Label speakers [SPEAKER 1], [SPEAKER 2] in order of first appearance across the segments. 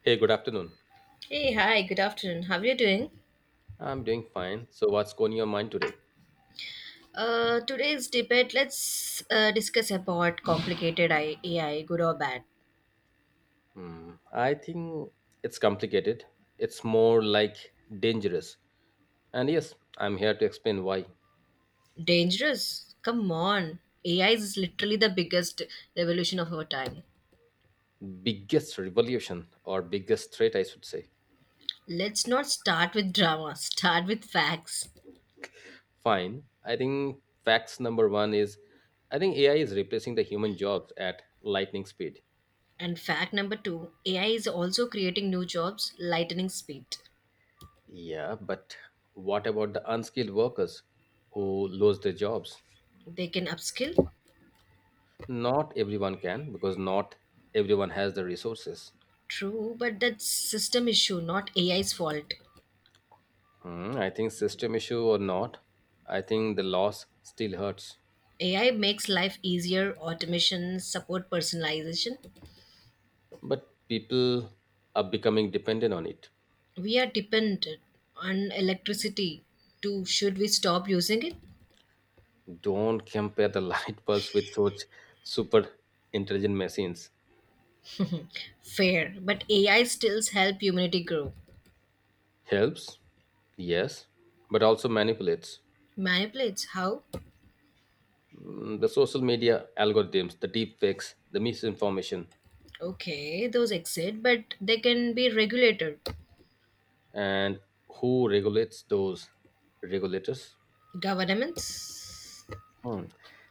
[SPEAKER 1] Hey, good afternoon.
[SPEAKER 2] Hey, hi, good afternoon. How are you doing?
[SPEAKER 1] I'm doing fine. So, what's going on your mind today?
[SPEAKER 2] Today's debate, let's discuss about complicated AI, good or bad.
[SPEAKER 1] I think it's complicated. It's more like dangerous. And yes, I'm here to explain why.
[SPEAKER 2] Dangerous? Come on. AI is literally the biggest revolution of our time.
[SPEAKER 1] Biggest revolution or biggest threat, I should say.
[SPEAKER 2] Let's not start with drama, start with facts.
[SPEAKER 1] Fine. I think facts number one is I think AI is replacing the human jobs at lightning speed.
[SPEAKER 2] And fact number two AI is also creating new jobs, lightning speed.
[SPEAKER 1] Yeah, but what about the unskilled workers who lose their jobs?
[SPEAKER 2] They can upskill?
[SPEAKER 1] Not everyone can because not everyone has the resources.
[SPEAKER 2] True, but that's system issue, not AI's fault.
[SPEAKER 1] I think system issue or not, I think the loss still hurts.
[SPEAKER 2] AI makes life easier, automation, support personalization.
[SPEAKER 1] But people are becoming dependent on it.
[SPEAKER 2] We are dependent on electricity too. Should we stop using it?
[SPEAKER 1] Don't compare the light bulbs with such super intelligent machines.
[SPEAKER 2] Fair, but AI still help humanity grow.
[SPEAKER 1] Helps, yes, but also manipulates.
[SPEAKER 2] Manipulates how?
[SPEAKER 1] The social media algorithms, the deep fakes, the misinformation,
[SPEAKER 2] Okay, those exist, but they can be regulated.
[SPEAKER 1] and who regulates those regulators?
[SPEAKER 2] Governments?
[SPEAKER 1] Hmm.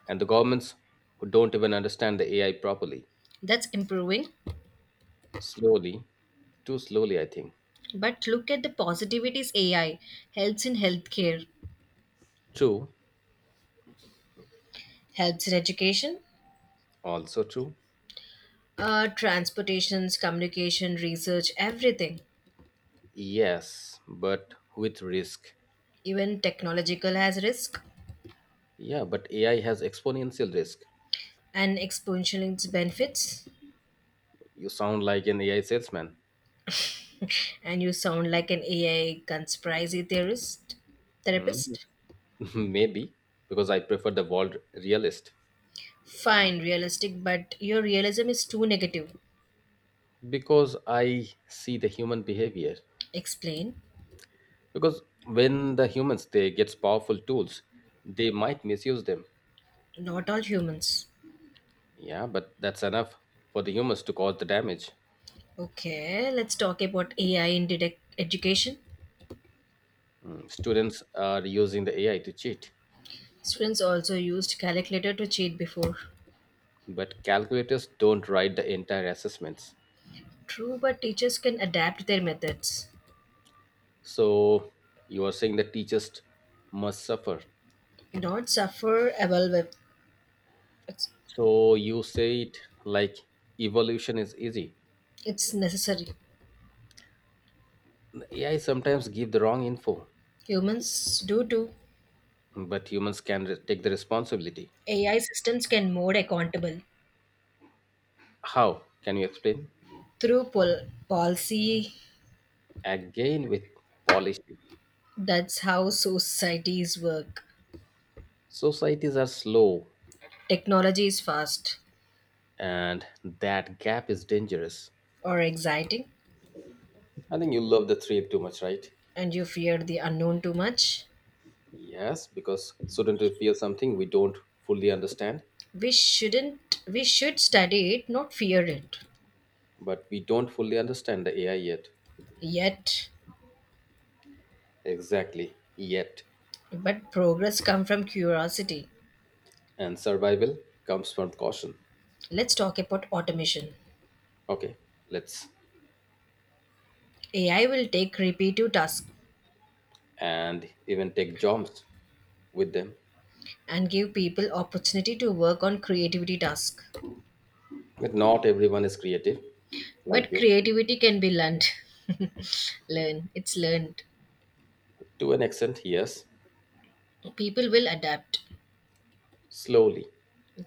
[SPEAKER 1] And the governments who don't even understand the AI properly.
[SPEAKER 2] That's improving.
[SPEAKER 1] Slowly, too slowly, I think.
[SPEAKER 2] But look at the positivities AI helps in healthcare,
[SPEAKER 1] True,
[SPEAKER 2] helps in education,
[SPEAKER 1] also true.
[SPEAKER 2] transportations, communication, research, everything.
[SPEAKER 1] Yes, but with risk.
[SPEAKER 2] Even technological has risk
[SPEAKER 1] Yeah, but AI has exponential risk.
[SPEAKER 2] and exponential in its benefits.
[SPEAKER 1] You sound like an AI salesman.
[SPEAKER 2] And you sound like an AI conspiracy theorist
[SPEAKER 1] Mm,
[SPEAKER 2] therapist.
[SPEAKER 1] maybe, because I prefer the world realist.
[SPEAKER 2] Fine, realistic, but your realism is too negative.
[SPEAKER 1] Because I see the human behavior.
[SPEAKER 2] Explain.
[SPEAKER 1] Because when the humans they gets powerful tools, they might misuse them.
[SPEAKER 2] Not all humans.
[SPEAKER 1] Yeah, but that's enough for the humans to cause the damage.
[SPEAKER 2] Okay, let's talk about AI in education.
[SPEAKER 1] Students are using the AI to cheat.
[SPEAKER 2] Students also used calculator to cheat before.
[SPEAKER 1] But calculators don't write the entire assessments.
[SPEAKER 2] True, but teachers can adapt their methods.
[SPEAKER 1] So you are saying the teachers must suffer.
[SPEAKER 2] Not suffer evaluate. It's,
[SPEAKER 1] So you say it like evolution is easy.
[SPEAKER 2] it's necessary.
[SPEAKER 1] AI sometimes give the wrong info,
[SPEAKER 2] Humans do too.
[SPEAKER 1] but humans can take the responsibility.
[SPEAKER 2] AI systems can more accountable
[SPEAKER 1] How? Can you explain?
[SPEAKER 2] through policy.
[SPEAKER 1] Again with policy.
[SPEAKER 2] That's how societies work.
[SPEAKER 1] Societies are slow
[SPEAKER 2] Technology is fast
[SPEAKER 1] and that gap is dangerous.
[SPEAKER 2] or exciting,
[SPEAKER 1] I think you love the three too much, right?
[SPEAKER 2] and you fear the unknown too much.
[SPEAKER 1] Yes, because shouldn't we feel something we don't fully understand?
[SPEAKER 2] We shouldn't, we should study it, not fear it.
[SPEAKER 1] But we don't fully understand the AI yet.
[SPEAKER 2] Yet,
[SPEAKER 1] Exactly, yet.
[SPEAKER 2] but progress comes from curiosity.
[SPEAKER 1] And survival comes from caution.
[SPEAKER 2] Let's talk about automation.
[SPEAKER 1] Okay, let's
[SPEAKER 2] AI will take repetitive tasks
[SPEAKER 1] and even take jobs with them.
[SPEAKER 2] and give people opportunity to work on creativity tasks.
[SPEAKER 1] But not everyone is creative, like
[SPEAKER 2] But
[SPEAKER 1] you.
[SPEAKER 2] creativity can be learned. Learn, it's learned.
[SPEAKER 1] To an extent, yes.
[SPEAKER 2] People will adapt.
[SPEAKER 1] Slowly.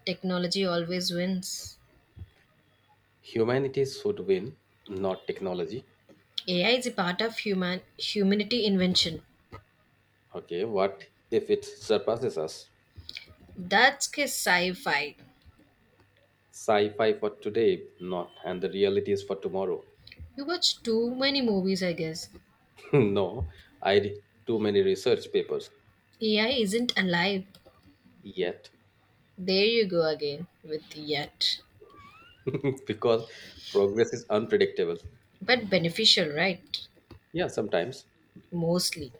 [SPEAKER 2] Technology always wins.
[SPEAKER 1] Humanity should win, not technology.
[SPEAKER 2] AI is a part of human humanity invention.
[SPEAKER 1] Okay, what if it surpasses us?
[SPEAKER 2] That's a sci-fi.
[SPEAKER 1] Sci fi for today, not, and the realities for tomorrow.
[SPEAKER 2] You watch too many movies, I guess.
[SPEAKER 1] No, I read too many research papers.
[SPEAKER 2] AI isn't alive.
[SPEAKER 1] Yet,
[SPEAKER 2] There you go again with yet.
[SPEAKER 1] because progress is unpredictable.
[SPEAKER 2] But beneficial, right?
[SPEAKER 1] Yeah, sometimes.
[SPEAKER 2] Mostly.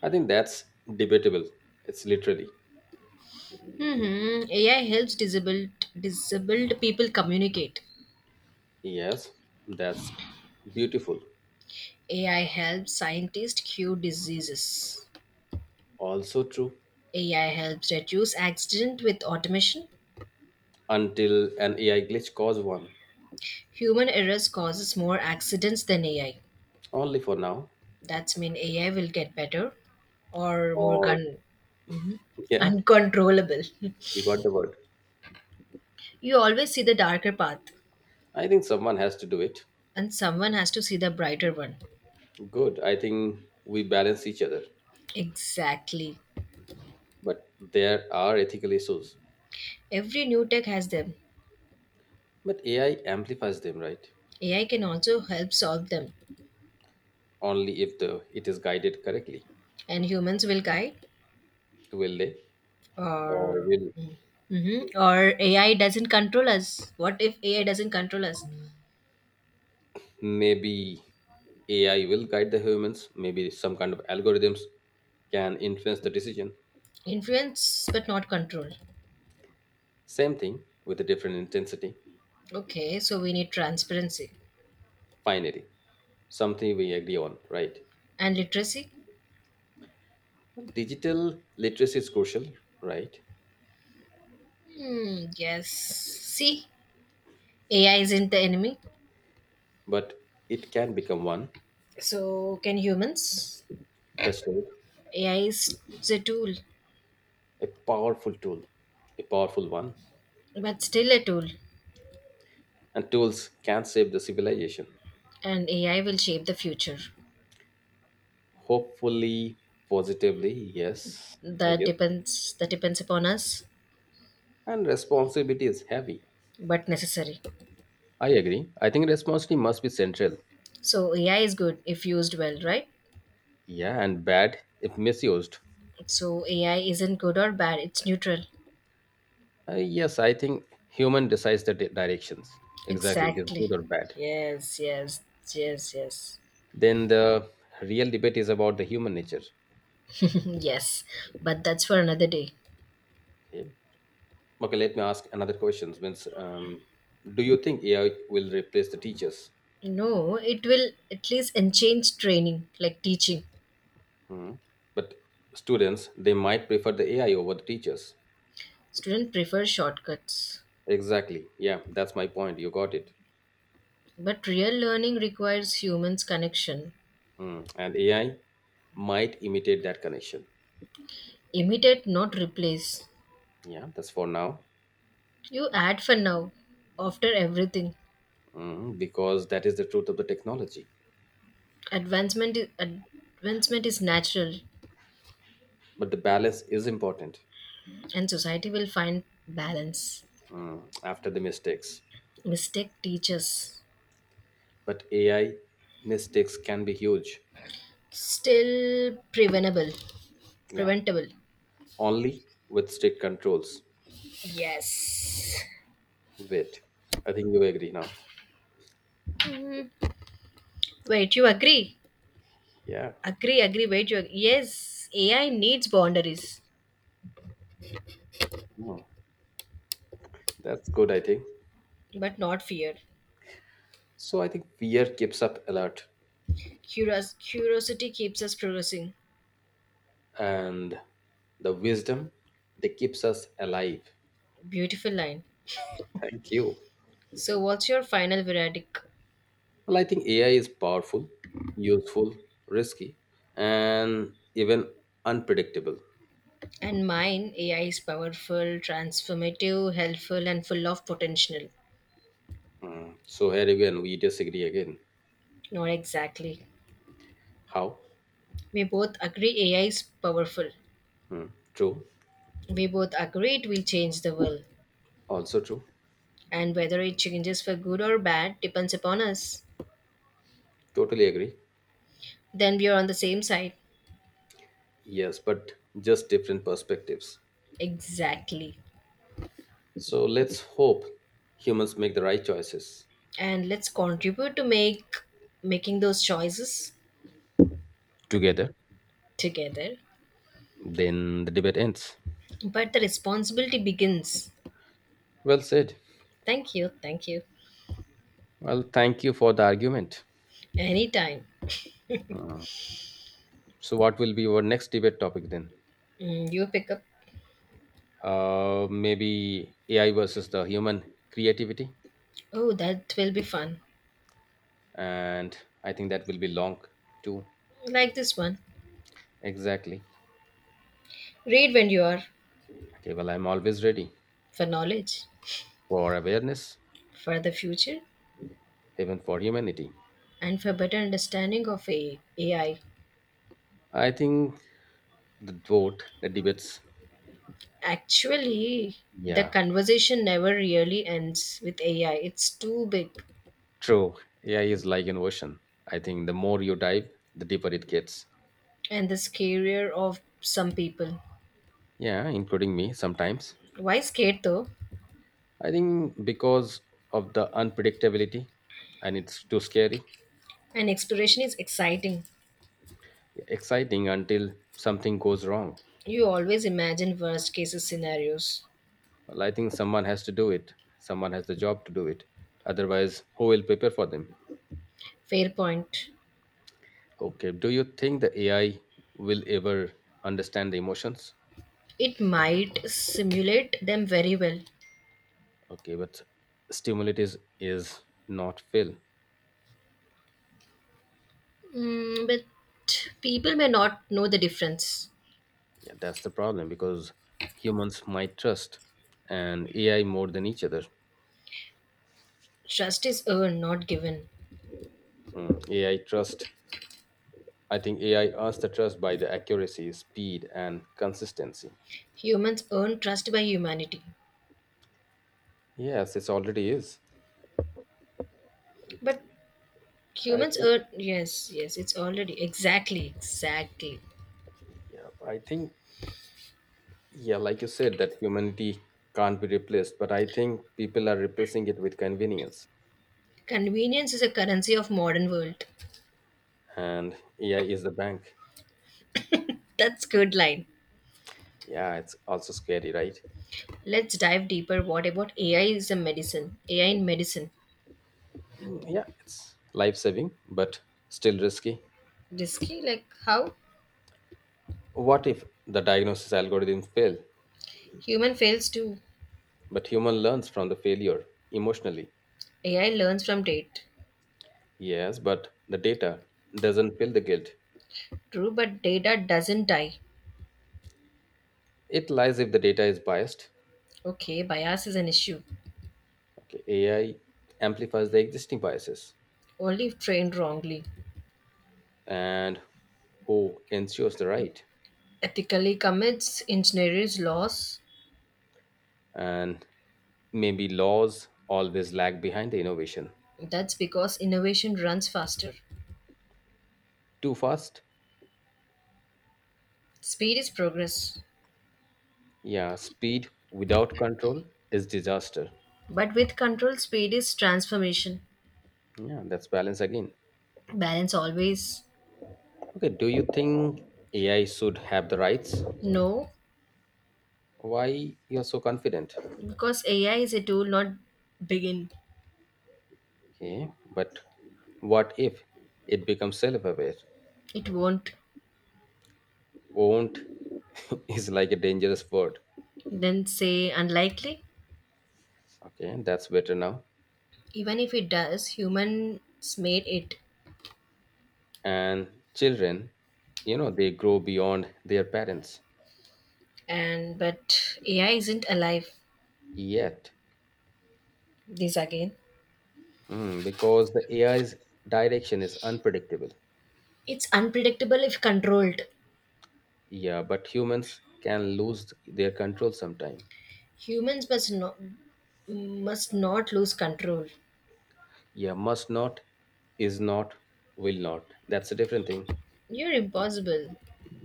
[SPEAKER 1] I think that's debatable. It's literally.
[SPEAKER 2] Hmm, AI helps disabled people communicate.
[SPEAKER 1] Yes, that's beautiful.
[SPEAKER 2] AI helps scientists cure diseases.
[SPEAKER 1] Also true.
[SPEAKER 2] AI helps reduce accident with automation.
[SPEAKER 1] Until an AI glitch caused one.
[SPEAKER 2] Human errors causes more accidents than AI.
[SPEAKER 1] Only for now.
[SPEAKER 2] That's mean AI will get better or
[SPEAKER 1] Or,
[SPEAKER 2] Mhm.
[SPEAKER 1] yeah,
[SPEAKER 2] Uncontrollable.
[SPEAKER 1] you got the word.
[SPEAKER 2] You always see the darker path
[SPEAKER 1] I think someone has to do it.
[SPEAKER 2] and someone has to see the brighter one.
[SPEAKER 1] Good. I think we balance each other.
[SPEAKER 2] Exactly.
[SPEAKER 1] But there are ethical issues.
[SPEAKER 2] Every new tech has them.
[SPEAKER 1] But AI amplifies them, right?
[SPEAKER 2] AI can also help solve them
[SPEAKER 1] Only if the it is guided correctly.
[SPEAKER 2] and humans will guide
[SPEAKER 1] Will they? Or
[SPEAKER 2] or
[SPEAKER 1] will
[SPEAKER 2] hmm or AI doesn't control us. What if AI doesn't control us?
[SPEAKER 1] maybe AI will guide the humans, maybe some kind of algorithms can influence the decision.
[SPEAKER 2] Influence but not control.
[SPEAKER 1] Same thing with a different intensity.
[SPEAKER 2] Okay, so we need transparency.
[SPEAKER 1] Finally, something we agree on, right?
[SPEAKER 2] And literacy?
[SPEAKER 1] Well, digital literacy is crucial, right?
[SPEAKER 2] Hmm, yes. See, AI isn't the enemy.
[SPEAKER 1] But it can become one
[SPEAKER 2] So can humans?
[SPEAKER 1] touchstone,
[SPEAKER 2] AI is a tool,
[SPEAKER 1] a powerful tool, a powerful one.
[SPEAKER 2] but still a tool.
[SPEAKER 1] And tools can save the civilization.
[SPEAKER 2] And AI will shape the future.
[SPEAKER 1] Hopefully, positively, yes, I
[SPEAKER 2] That
[SPEAKER 1] guess.
[SPEAKER 2] depends that depends upon us,
[SPEAKER 1] And responsibility is heavy.
[SPEAKER 2] but necessary.
[SPEAKER 1] I agree. I think responsibility must be central.
[SPEAKER 2] So AI is good if used well, right?
[SPEAKER 1] Yeah, and bad if misused.
[SPEAKER 2] So AI isn't good or bad, it's neutral.
[SPEAKER 1] Yes, I think human decides the directions. Exactly, it is good
[SPEAKER 2] Exactly.
[SPEAKER 1] or bad.
[SPEAKER 2] Yes, yes, yes, yes.
[SPEAKER 1] Then the real debate is about the human nature.
[SPEAKER 2] Yes. But that's for another day.
[SPEAKER 1] Okay, okay, let me ask another question. Means, do you think AI will replace the teachers?
[SPEAKER 2] No, it will at least enhance training, like teaching.
[SPEAKER 1] Hmm. But students, they might prefer the AI over the teachers.
[SPEAKER 2] Students prefer shortcuts.
[SPEAKER 1] Exactly. Yeah, that's my point. You got it.
[SPEAKER 2] But real learning requires humans' connection.
[SPEAKER 1] Hmm. And AI might imitate that connection.
[SPEAKER 2] Imitate, not replace.
[SPEAKER 1] Yeah, that's for now.
[SPEAKER 2] You add for now, after everything.
[SPEAKER 1] Because that is the truth of the technology.
[SPEAKER 2] Advancement is natural,
[SPEAKER 1] But the balance is important
[SPEAKER 2] and society will find balance.
[SPEAKER 1] after the mistakes.
[SPEAKER 2] Mistake teaches.
[SPEAKER 1] But AI mistakes can be huge.
[SPEAKER 2] Still preventable.
[SPEAKER 1] Yeah.
[SPEAKER 2] Preventable.
[SPEAKER 1] Only with strict controls.
[SPEAKER 2] Yes.
[SPEAKER 1] Wait. I think you agree now.
[SPEAKER 2] Wait, you agree?
[SPEAKER 1] Yeah.
[SPEAKER 2] Agree, agree. Wait, you yes, AI needs boundaries,
[SPEAKER 1] Mm, That's good, I think.
[SPEAKER 2] but not fear.
[SPEAKER 1] So I think fear keeps up alert
[SPEAKER 2] Curiosity keeps us progressing.
[SPEAKER 1] and the wisdom that keeps us alive.
[SPEAKER 2] Beautiful line.
[SPEAKER 1] Thank you.
[SPEAKER 2] So, what's your final verdict?
[SPEAKER 1] Well, I think AI is powerful, useful, risky, and even unpredictable.
[SPEAKER 2] And mine, AI is powerful, transformative, helpful, and full of potential.
[SPEAKER 1] Mm. So here again, we disagree again.
[SPEAKER 2] Not exactly.
[SPEAKER 1] How?
[SPEAKER 2] We both agree AI is powerful.
[SPEAKER 1] Mm. True.
[SPEAKER 2] We both agree it will change the world.
[SPEAKER 1] Also true.
[SPEAKER 2] And whether it changes for good or bad depends upon us.
[SPEAKER 1] Totally agree.
[SPEAKER 2] Then we are on the same side.
[SPEAKER 1] Yes, but just different perspectives.
[SPEAKER 2] Exactly.
[SPEAKER 1] So let's hope humans make the right choices
[SPEAKER 2] And let's contribute to make making those choices
[SPEAKER 1] together.
[SPEAKER 2] together,
[SPEAKER 1] Then the debate ends.
[SPEAKER 2] but the responsibility begins.
[SPEAKER 1] Well said.
[SPEAKER 2] Thank you, thank you.
[SPEAKER 1] Well, thank you for the argument.
[SPEAKER 2] Anytime.
[SPEAKER 1] So, what will be our next debate topic then?
[SPEAKER 2] Mm, you pick up.
[SPEAKER 1] Maybe AI versus the human creativity?
[SPEAKER 2] Oh, that will be fun,
[SPEAKER 1] And I think that will be long too.
[SPEAKER 2] like this one.
[SPEAKER 1] Exactly.
[SPEAKER 2] Read when you are,
[SPEAKER 1] Okay, well, I'm always ready
[SPEAKER 2] for knowledge,
[SPEAKER 1] for awareness,
[SPEAKER 2] for the future,
[SPEAKER 1] even for humanity.
[SPEAKER 2] and for better understanding of AI.
[SPEAKER 1] I think the vote, the debates,
[SPEAKER 2] Actually, the
[SPEAKER 1] yeah,
[SPEAKER 2] conversation never really ends with AI, it's too big.
[SPEAKER 1] true. AI is like an ocean. I think the more you dive, the deeper it gets.
[SPEAKER 2] And the scarier of some people.
[SPEAKER 1] Yeah, including me sometimes.
[SPEAKER 2] Why scared though?
[SPEAKER 1] I think because of the unpredictability and it's too scary,
[SPEAKER 2] And exploration is exciting.
[SPEAKER 1] exciting until something goes wrong.
[SPEAKER 2] You always imagine worst cases scenarios.
[SPEAKER 1] Well, I think someone has to do it. Someone has the job to do it. Otherwise, who will prepare for them?
[SPEAKER 2] Fair point.
[SPEAKER 1] Okay. Do you think the AI will ever understand the emotions?
[SPEAKER 2] It might simulate them very well.
[SPEAKER 1] Okay, but stimulate is not fill.
[SPEAKER 2] Mm, but people may not know the difference.
[SPEAKER 1] Yeah, that's the problem because humans might trust and AI more than each other.
[SPEAKER 2] Trust is earned, not given.
[SPEAKER 1] Mm, AI trust. I think AI earns the trust by the accuracy, speed, and consistency.
[SPEAKER 2] Humans earn trust by humanity.
[SPEAKER 1] Yes, it already is.
[SPEAKER 2] But
[SPEAKER 1] I
[SPEAKER 2] humans
[SPEAKER 1] think.
[SPEAKER 2] earn. Yes, yes, it's already. Exactly, exactly.
[SPEAKER 1] Yeah, I think. Yeah, like you said, that humanity can't be replaced, but I think people are replacing it with convenience.
[SPEAKER 2] Convenience is a currency of modern world.
[SPEAKER 1] And AI is the bank.
[SPEAKER 2] That's good line.
[SPEAKER 1] Yeah, it's also scary, right?
[SPEAKER 2] Let's dive deeper. What about AI is a medicine? AI in medicine.
[SPEAKER 1] Yeah, it's life saving, but still risky.
[SPEAKER 2] Risky like how?
[SPEAKER 1] What if the diagnosis algorithm fail,
[SPEAKER 2] Human fails to
[SPEAKER 1] but human learns from the failure emotionally?
[SPEAKER 2] AI learns from data.
[SPEAKER 1] Yes, but the data doesn't feel the guilt.
[SPEAKER 2] True but data doesn't die.
[SPEAKER 1] It lies if the data is biased.
[SPEAKER 2] Okay, bias is an issue,
[SPEAKER 1] Okay, AI amplifies the existing biases
[SPEAKER 2] only if trained wrongly.
[SPEAKER 1] and who ensures the right.
[SPEAKER 2] Ethically commits engineers loss,
[SPEAKER 1] And maybe laws always lag behind the innovation.
[SPEAKER 2] that's because innovation runs faster.
[SPEAKER 1] Too fast.
[SPEAKER 2] Speed is progress,
[SPEAKER 1] Yeah, speed without control is disaster.
[SPEAKER 2] but with control speed is transformation.
[SPEAKER 1] Yeah, that's balance again.
[SPEAKER 2] Balance always.
[SPEAKER 1] Okay, do you think AI should have the rights?
[SPEAKER 2] No,
[SPEAKER 1] Why you're so confident?
[SPEAKER 2] because AI is a tool, not begin.
[SPEAKER 1] Okay, but what if it becomes self-aware?
[SPEAKER 2] It won't.
[SPEAKER 1] Won't is like a dangerous word.
[SPEAKER 2] Then say unlikely.
[SPEAKER 1] Okay, that's better now.
[SPEAKER 2] Even if it does humans made it.
[SPEAKER 1] And children, you know they grow beyond their parents.
[SPEAKER 2] And but AI isn't alive.
[SPEAKER 1] Yet.
[SPEAKER 2] This again.
[SPEAKER 1] Because the AI's direction is unpredictable.
[SPEAKER 2] It's unpredictable if controlled.
[SPEAKER 1] Yeah, but humans can lose their control sometime.
[SPEAKER 2] Humans must not lose control.
[SPEAKER 1] Yeah, must not, is not, will not. That's a different thing.
[SPEAKER 2] You're impossible.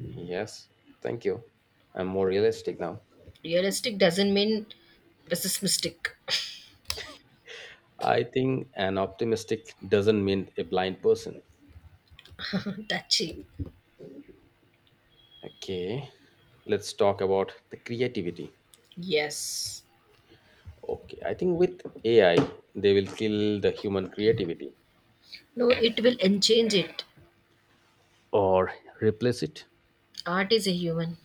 [SPEAKER 1] Yes, thank you. I'm more realistic now.
[SPEAKER 2] Realistic doesn't mean pessimistic.
[SPEAKER 1] I think an optimistic doesn't mean a blind person.
[SPEAKER 2] Touchy.
[SPEAKER 1] Okay, let's talk about the creativity.
[SPEAKER 2] Yes.
[SPEAKER 1] Okay, I think with AI, they will kill the human creativity
[SPEAKER 2] No, it will enchange it.
[SPEAKER 1] or replace it.
[SPEAKER 2] Art is a human.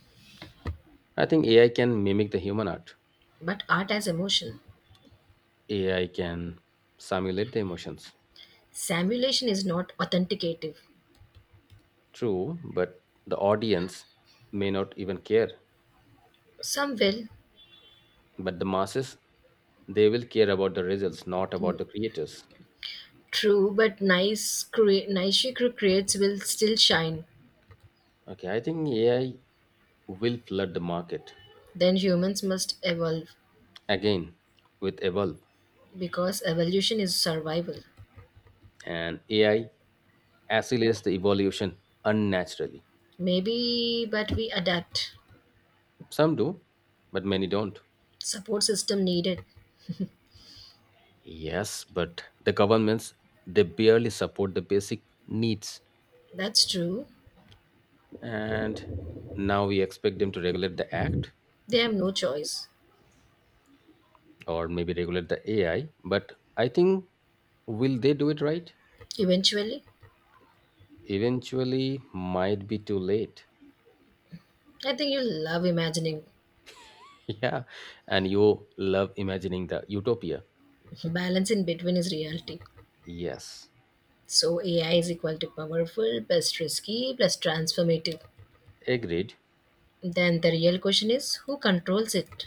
[SPEAKER 1] I think AI can mimic the human art.
[SPEAKER 2] But art has emotion.
[SPEAKER 1] AI can simulate the emotions.
[SPEAKER 2] Simulation is not authenticative.
[SPEAKER 1] True, but the audience may not even care.
[SPEAKER 2] Some will.
[SPEAKER 1] But the masses, they will care about the results, not about the creators.
[SPEAKER 2] True, but nice, cre- nice she cre- creates will still shine.
[SPEAKER 1] Okay, I think AI will flood the market
[SPEAKER 2] Then humans must evolve
[SPEAKER 1] again with Evolve,
[SPEAKER 2] because evolution is survival.
[SPEAKER 1] and AI accelerates the evolution unnaturally.
[SPEAKER 2] Maybe, but we adapt.
[SPEAKER 1] Some do, but many don't.
[SPEAKER 2] Support system needed.
[SPEAKER 1] Yes, but the governments they barely support the basic needs
[SPEAKER 2] That's true.
[SPEAKER 1] and now we expect them to regulate the act
[SPEAKER 2] They have no choice.
[SPEAKER 1] or maybe regulate the AI, but I think will they do it right?
[SPEAKER 2] Eventually,
[SPEAKER 1] Eventually might be too late.
[SPEAKER 2] I think you'll love imagining.
[SPEAKER 1] Yeah, and you love imagining the utopia.
[SPEAKER 2] Balance in between is reality.
[SPEAKER 1] Yes,
[SPEAKER 2] So AI is equal to powerful plus risky plus transformative.
[SPEAKER 1] agreed.
[SPEAKER 2] Then the real question is who controls it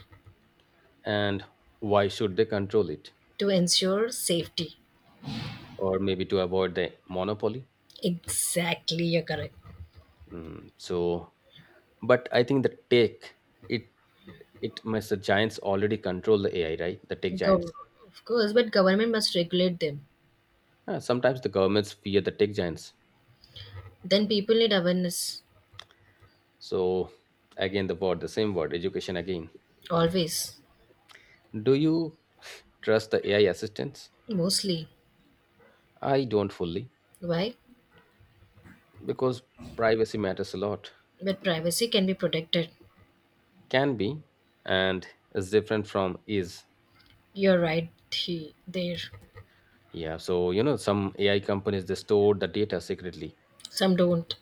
[SPEAKER 1] And why should they control it?
[SPEAKER 2] to ensure safety.
[SPEAKER 1] Or maybe to avoid the monopoly.
[SPEAKER 2] Exactly, you're correct.
[SPEAKER 1] So but I think the tech it it must the giants already control the AI, right? The tech
[SPEAKER 2] Gov-
[SPEAKER 1] giants.
[SPEAKER 2] of course, but government must regulate them.
[SPEAKER 1] Sometimes the governments fear the tech giants.
[SPEAKER 2] Then people need awareness.
[SPEAKER 1] So again, the word, the same word, education again.
[SPEAKER 2] Always.
[SPEAKER 1] Do you trust the AI assistants?
[SPEAKER 2] Mostly.
[SPEAKER 1] I don't fully
[SPEAKER 2] Why?
[SPEAKER 1] because privacy matters a lot.
[SPEAKER 2] But privacy can be protected.
[SPEAKER 1] Can be and is different from is.
[SPEAKER 2] You're right he, there.
[SPEAKER 1] Yeah, so you know, some AI companies they store the data secretly.
[SPEAKER 2] Some don't.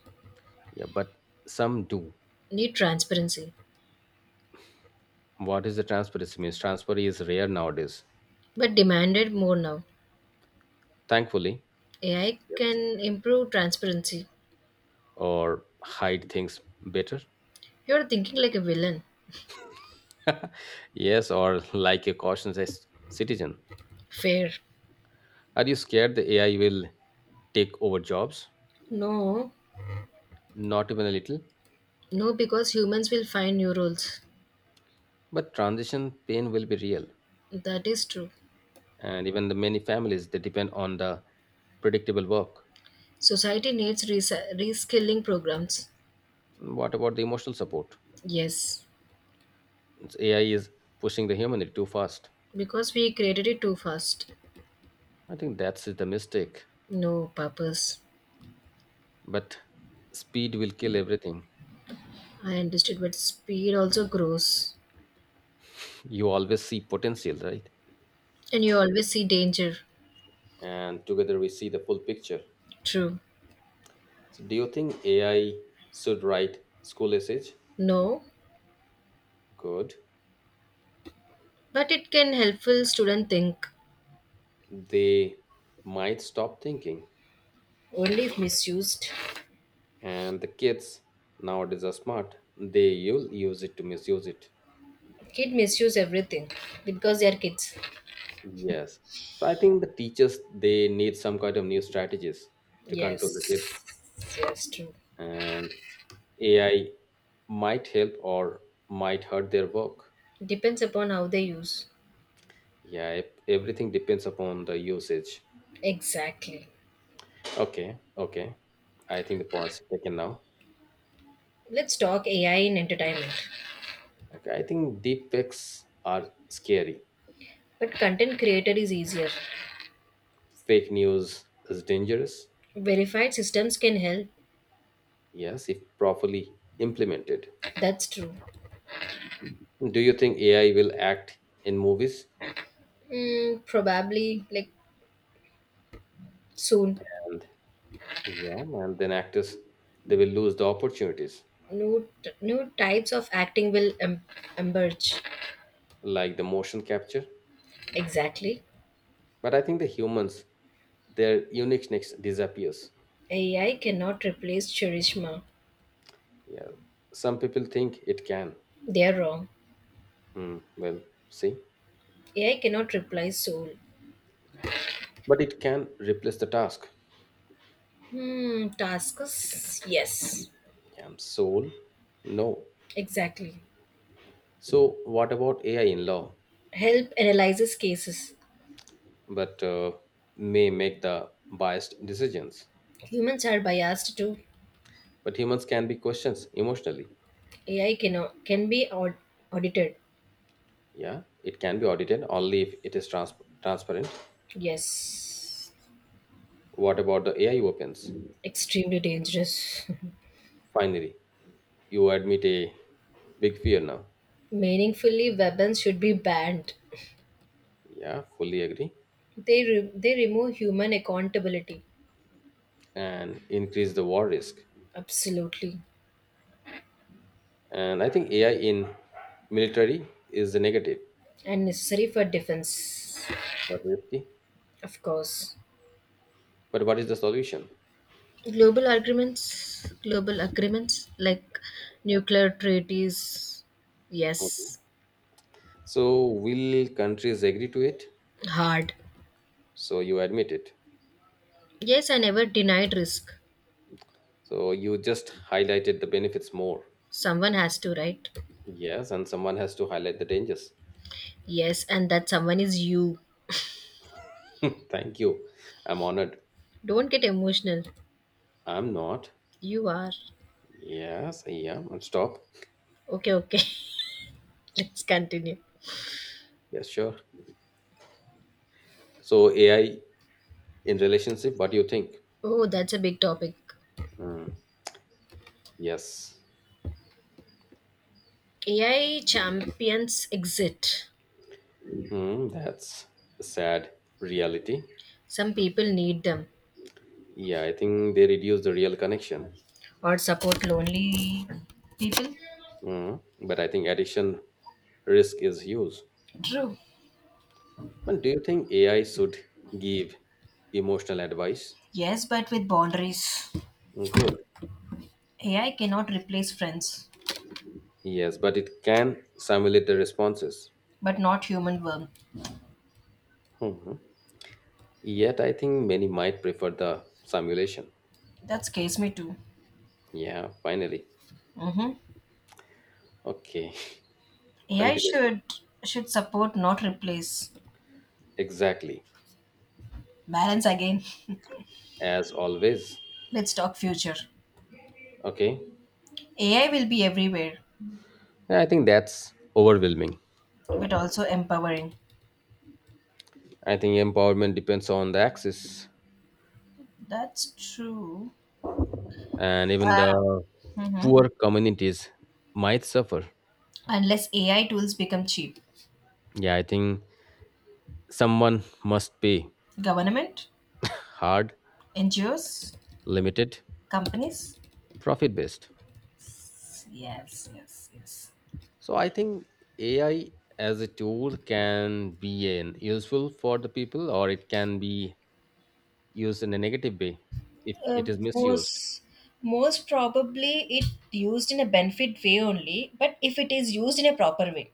[SPEAKER 1] Yeah, but some do.
[SPEAKER 2] Need transparency.
[SPEAKER 1] What is the transparency means? Transparency is rare nowadays,
[SPEAKER 2] But demanded more now.
[SPEAKER 1] thankfully.
[SPEAKER 2] AI
[SPEAKER 1] Yes.
[SPEAKER 2] can improve transparency.
[SPEAKER 1] Or hide things better.
[SPEAKER 2] You're thinking like a villain.
[SPEAKER 1] Yes, or like a cautious citizen.
[SPEAKER 2] Fair.
[SPEAKER 1] Are you scared the AI will take over jobs?
[SPEAKER 2] No.
[SPEAKER 1] Not even a little,
[SPEAKER 2] No, because humans will find new roles.
[SPEAKER 1] but transition pain will be real.
[SPEAKER 2] That is true.
[SPEAKER 1] And even the many families they depend on the predictable work.
[SPEAKER 2] Society needs reskilling programs.
[SPEAKER 1] What about the emotional support?
[SPEAKER 2] Yes,
[SPEAKER 1] It's AI is pushing the humanity too fast.
[SPEAKER 2] because we created it too fast.
[SPEAKER 1] I think that's the mistake.
[SPEAKER 2] No purpose.
[SPEAKER 1] But speed will kill everything.
[SPEAKER 2] I understood, but speed also grows.
[SPEAKER 1] You always see potential, right?
[SPEAKER 2] And you always see danger.
[SPEAKER 1] And together we see the full picture.
[SPEAKER 2] True.
[SPEAKER 1] So do you think AI should write school essays?
[SPEAKER 2] No,
[SPEAKER 1] Good.
[SPEAKER 2] but it can helpful student think.
[SPEAKER 1] They might stop thinking.
[SPEAKER 2] Only if misused.
[SPEAKER 1] And the kids nowadays are smart. They will use it to misuse it.
[SPEAKER 2] Kid misuse everything because they are kids.
[SPEAKER 1] Yes. So I think the teachers they need some kind of new strategies to control the
[SPEAKER 2] Yes.
[SPEAKER 1] kids.
[SPEAKER 2] Yes, true.
[SPEAKER 1] And AI might help or might hurt their work.
[SPEAKER 2] Depends upon how they use.
[SPEAKER 1] Yeah, it, everything depends upon the usage.
[SPEAKER 2] Exactly.
[SPEAKER 1] Okay, okay. I think the points are taken now.
[SPEAKER 2] Let's talk AI in entertainment.
[SPEAKER 1] Okay, I think deep fakes are scary.
[SPEAKER 2] But content creator is easier.
[SPEAKER 1] Fake news is dangerous.
[SPEAKER 2] Verified systems can help.
[SPEAKER 1] Yes, if properly implemented.
[SPEAKER 2] That's true.
[SPEAKER 1] Do you think AI will act in movies?
[SPEAKER 2] Mm, probably like soon.
[SPEAKER 1] And yeah, and then actors they will lose the opportunities
[SPEAKER 2] New types of acting will emerge.
[SPEAKER 1] like the motion capture.
[SPEAKER 2] Exactly.
[SPEAKER 1] But I think the humans, their uniqueness disappears.
[SPEAKER 2] AI cannot replace charisma.
[SPEAKER 1] Yeah, some people think it can.
[SPEAKER 2] They're wrong.
[SPEAKER 1] Hmm, well, see,
[SPEAKER 2] AI cannot replace soul.
[SPEAKER 1] but it can replace the task.
[SPEAKER 2] Hmm. Tasks. Yes.
[SPEAKER 1] Yeah, soul, no.
[SPEAKER 2] Exactly.
[SPEAKER 1] So what about AI in law?
[SPEAKER 2] Help analyzes cases.
[SPEAKER 1] But may make the biased decisions.
[SPEAKER 2] Humans are biased too.
[SPEAKER 1] But humans can be questions emotionally.
[SPEAKER 2] AI cannot can be audited.
[SPEAKER 1] Yeah, it can be audited only if it is transparent.
[SPEAKER 2] Yes.
[SPEAKER 1] What about the AI opens?
[SPEAKER 2] Extremely dangerous.
[SPEAKER 1] Finally, you admit a big fear now.
[SPEAKER 2] Meaningfully, weapons should be banned.
[SPEAKER 1] Yeah, fully agree.
[SPEAKER 2] They remove human accountability,
[SPEAKER 1] And increase the war risk.
[SPEAKER 2] absolutely,
[SPEAKER 1] And I think AI in military is the negative,
[SPEAKER 2] and necessary for defense,
[SPEAKER 1] but risky.
[SPEAKER 2] of course.
[SPEAKER 1] But what is the solution?
[SPEAKER 2] Global agreements like nuclear treaties,
[SPEAKER 1] Mhm.
[SPEAKER 2] yes,
[SPEAKER 1] So will countries agree to it?
[SPEAKER 2] hard.
[SPEAKER 1] So you admit it.
[SPEAKER 2] Yes, I never denied risk.
[SPEAKER 1] So you just highlighted the benefits more.
[SPEAKER 2] Someone has to, right?
[SPEAKER 1] Yes, and someone has to highlight the dangers.
[SPEAKER 2] Yes, and that someone is you.
[SPEAKER 1] Thank you. I'm honored.
[SPEAKER 2] Don't get emotional.
[SPEAKER 1] I'm not.
[SPEAKER 2] You are.
[SPEAKER 1] Yes, I am. And stop.
[SPEAKER 2] Okay, okay. Let's continue.
[SPEAKER 1] Yes, sure. So AI in relationship, what do you think?
[SPEAKER 2] Oh, that's a big topic.
[SPEAKER 1] Mm, yes.
[SPEAKER 2] AI champions exit.
[SPEAKER 1] That's a sad reality.
[SPEAKER 2] Some people need them
[SPEAKER 1] Yeah, I think they reduce the real connection.
[SPEAKER 2] or support lonely people.
[SPEAKER 1] But I think addiction risk is huge.
[SPEAKER 2] True.
[SPEAKER 1] But do you think AI should give emotional advice?
[SPEAKER 2] Yes, but with boundaries.
[SPEAKER 1] Hmm, good.
[SPEAKER 2] AI cannot replace friends,
[SPEAKER 1] Yes, but it can simulate the responses.
[SPEAKER 2] but not human warmth.
[SPEAKER 1] Mhm. Yet I think many might prefer the simulation.
[SPEAKER 2] That scares me too.
[SPEAKER 1] Yeah, finally.
[SPEAKER 2] Mm-hmm.
[SPEAKER 1] Okay,
[SPEAKER 2] AI
[SPEAKER 1] continue.
[SPEAKER 2] should support, not replace.
[SPEAKER 1] Exactly.
[SPEAKER 2] Balance again.
[SPEAKER 1] As always.
[SPEAKER 2] Let's talk future.
[SPEAKER 1] Okay.
[SPEAKER 2] AI will be everywhere,
[SPEAKER 1] Yeah, I think that's overwhelming.
[SPEAKER 2] but also empowering.
[SPEAKER 1] I think empowerment depends on the access,
[SPEAKER 2] That's true.
[SPEAKER 1] and even the
[SPEAKER 2] Uh, mhm.
[SPEAKER 1] poor communities might suffer.
[SPEAKER 2] Unless AI tools become cheap,
[SPEAKER 1] Yeah, I think someone must pay
[SPEAKER 2] government,
[SPEAKER 1] hard,
[SPEAKER 2] NGOs,
[SPEAKER 1] limited,
[SPEAKER 2] companies
[SPEAKER 1] profit based.
[SPEAKER 2] yes, yes, yes.
[SPEAKER 1] So I think AI as a tool can be an useful for the people or it can be used in a negative way if
[SPEAKER 2] Uh,
[SPEAKER 1] it is misused.
[SPEAKER 2] most most probably it used in a benefit way only but if it is used in a proper way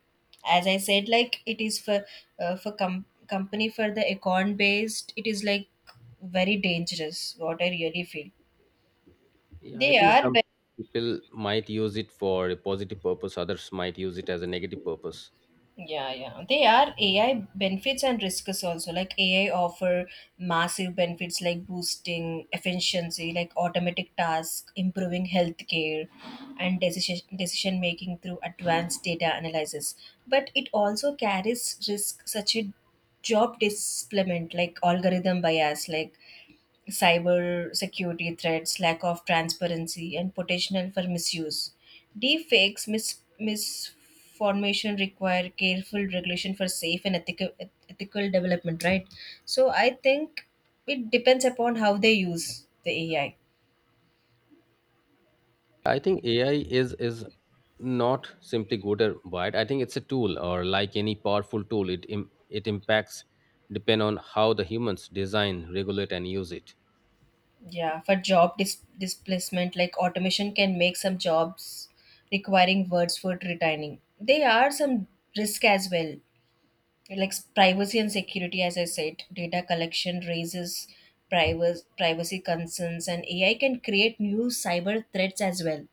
[SPEAKER 2] as I said like it is for company for the econ based it is like very dangerous what I really feel
[SPEAKER 1] Yeah, I
[SPEAKER 2] they
[SPEAKER 1] think
[SPEAKER 2] are.
[SPEAKER 1] some people might use it for a positive purpose, others might use it as a negative purpose.
[SPEAKER 2] Yeah, yeah. They are AI benefits and risks also. Like AI offer massive benefits like boosting efficiency, like automatic tasks, improving healthcare, and decision making through advanced data analysis. But it also carries risk such a job displacement, like algorithm bias, like cyber security threats, lack of transparency, and potential for misuse. Deepfakes misformation require careful regulation for safe and ethical development. Right. So I think it depends upon how they use the AI.
[SPEAKER 1] I think AI is not simply good or bad. I think it's a tool, or like any powerful tool, it impacts depend on how the humans design, regulate, and use it.
[SPEAKER 2] Yeah, for job displacement, like automation can make some jobs requiring words for returning. There are some risk as well like privacy and security as I said data collection raises privacy concerns and AI can create new cyber threats as well.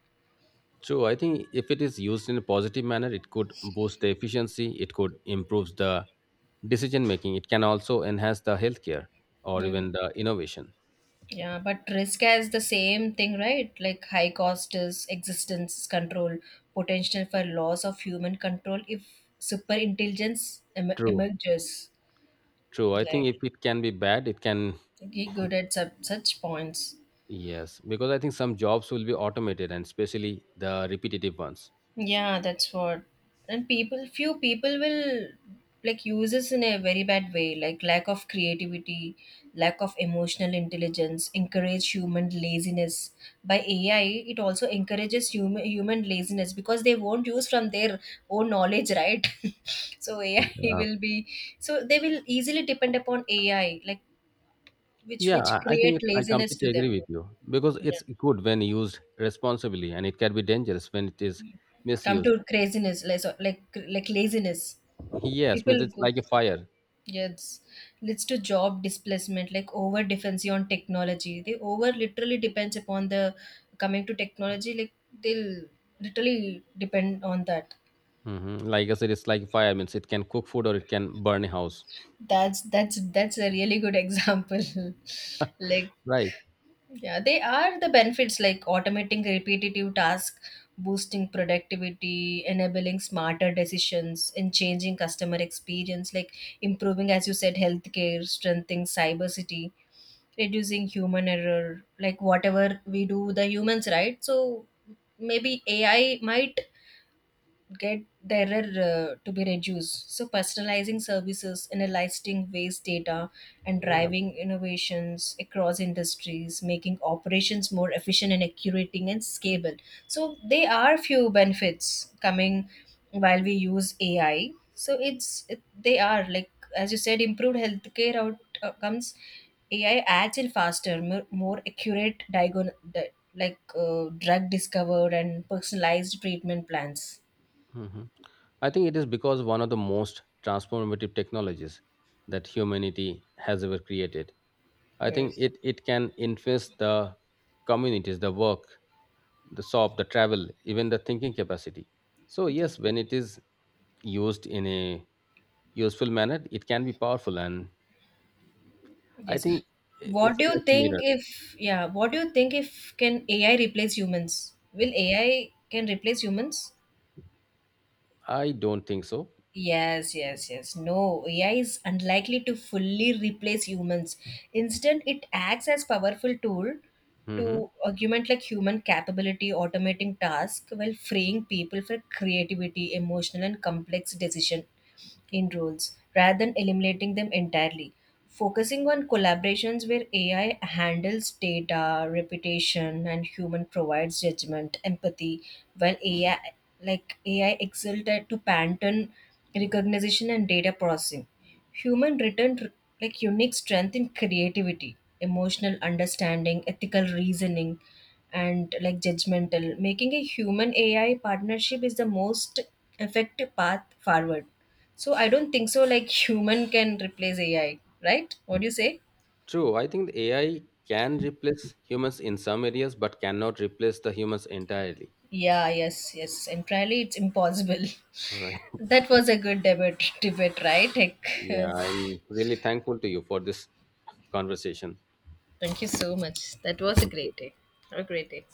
[SPEAKER 1] So I think if it is used in a positive manner, it could boost the efficiency, it could improve the decision making, it can also enhance the healthcare or even the innovation.
[SPEAKER 2] Yeah but risk as the same thing right like high cost is existence control potential for loss of human control if super intelligence
[SPEAKER 1] True,
[SPEAKER 2] emerges.
[SPEAKER 1] true. I think
[SPEAKER 2] Like
[SPEAKER 1] if it can be bad, it can,
[SPEAKER 2] he good at sub such points.
[SPEAKER 1] yes, because I think some jobs will be automated and especially the repetitive ones.
[SPEAKER 2] Yeah, that's what. And people, few people will like use this in a very bad way, like lack of creativity, lack of emotional intelligence, encourage human laziness. By AI, it also encourages human laziness because they won't use from their own knowledge, right? So AI
[SPEAKER 1] Uh,
[SPEAKER 2] will be so they will easily depend upon AI, like which
[SPEAKER 1] yeah,
[SPEAKER 2] which
[SPEAKER 1] I think
[SPEAKER 2] create
[SPEAKER 1] I
[SPEAKER 2] laziness
[SPEAKER 1] completely
[SPEAKER 2] to
[SPEAKER 1] agree
[SPEAKER 2] them.
[SPEAKER 1] with you because it's
[SPEAKER 2] Yeah,
[SPEAKER 1] good when used responsibly and it can be dangerous when it is
[SPEAKER 2] come to
[SPEAKER 1] misused.
[SPEAKER 2] craziness, like like laziness.
[SPEAKER 1] Yes, but
[SPEAKER 2] People
[SPEAKER 1] it's
[SPEAKER 2] go.
[SPEAKER 1] like a fire.
[SPEAKER 2] Yes, leads to job displacement, like over dependency on technology. They over literally depends upon the coming to technology. Like they'll literally depend on that.
[SPEAKER 1] Hmm. Like I said, it's like fire means it can cook food or it can burn a house,
[SPEAKER 2] That's a really good example. Like
[SPEAKER 1] right?
[SPEAKER 2] yeah, they are the benefits like automating repetitive tasks, boosting productivity, enabling smarter decisions, and changing customer experience, like improving, as you said, healthcare, strengthening cybersecurity, reducing human error, like whatever we do, the humans, right? So maybe AI might get the error to be reduced. So personalizing services, analyzing waste data, and
[SPEAKER 1] Yeah.
[SPEAKER 2] driving innovations across industries, making operations more efficient and accurate and scalable. So there are few benefits coming while we use AI. So it's it, they are like as you said, improved healthcare outcomes. AI adds in faster, more accurate like drug discovered and personalized treatment plans.
[SPEAKER 1] Hmm. I think it is because one of the most transformative technologies that humanity has ever created. I think
[SPEAKER 2] Yes.
[SPEAKER 1] it can influence the communities, the work, the shop, the travel, even the thinking capacity. So
[SPEAKER 2] Okay.
[SPEAKER 1] yes, when it is used in a useful manner, it can be powerful, and I
[SPEAKER 2] Yes.
[SPEAKER 1] think
[SPEAKER 2] What
[SPEAKER 1] it's
[SPEAKER 2] do
[SPEAKER 1] like
[SPEAKER 2] you
[SPEAKER 1] a
[SPEAKER 2] think
[SPEAKER 1] mirror.
[SPEAKER 2] if, yeah, what do you think if can AI replace humans? Will AI can replace humans?
[SPEAKER 1] I don't think so.
[SPEAKER 2] Yes, yes, yes. No, AI is unlikely to fully replace humans. Instead, it acts as powerful tool
[SPEAKER 1] Hmm.
[SPEAKER 2] to augment like human capability, automating tasks while freeing people for creativity, emotional and complex decision in roles rather than eliminating them entirely. Focusing on collaborations where AI handles data, reputation, and human provides judgment, empathy, while AI like AI excelled at to pattern recognition and data processing. Human returned like unique strength in creativity, emotional understanding, ethical reasoning, and like judgmental. Making a human AI partnership is the most effective path forward. So I don't think so like human can replace AI, right? What do you say?
[SPEAKER 1] True, I think the AI can replace humans in some areas, but cannot replace the humans entirely.
[SPEAKER 2] Yeah, yes, yes. Entirely it's impossible.
[SPEAKER 1] Right.
[SPEAKER 2] That was a good debate, right? Like,
[SPEAKER 1] Yeah, I'm really thankful to you for this conversation.
[SPEAKER 2] thank you so much. That was a
[SPEAKER 1] Thank you.
[SPEAKER 2] great day. Have a great day.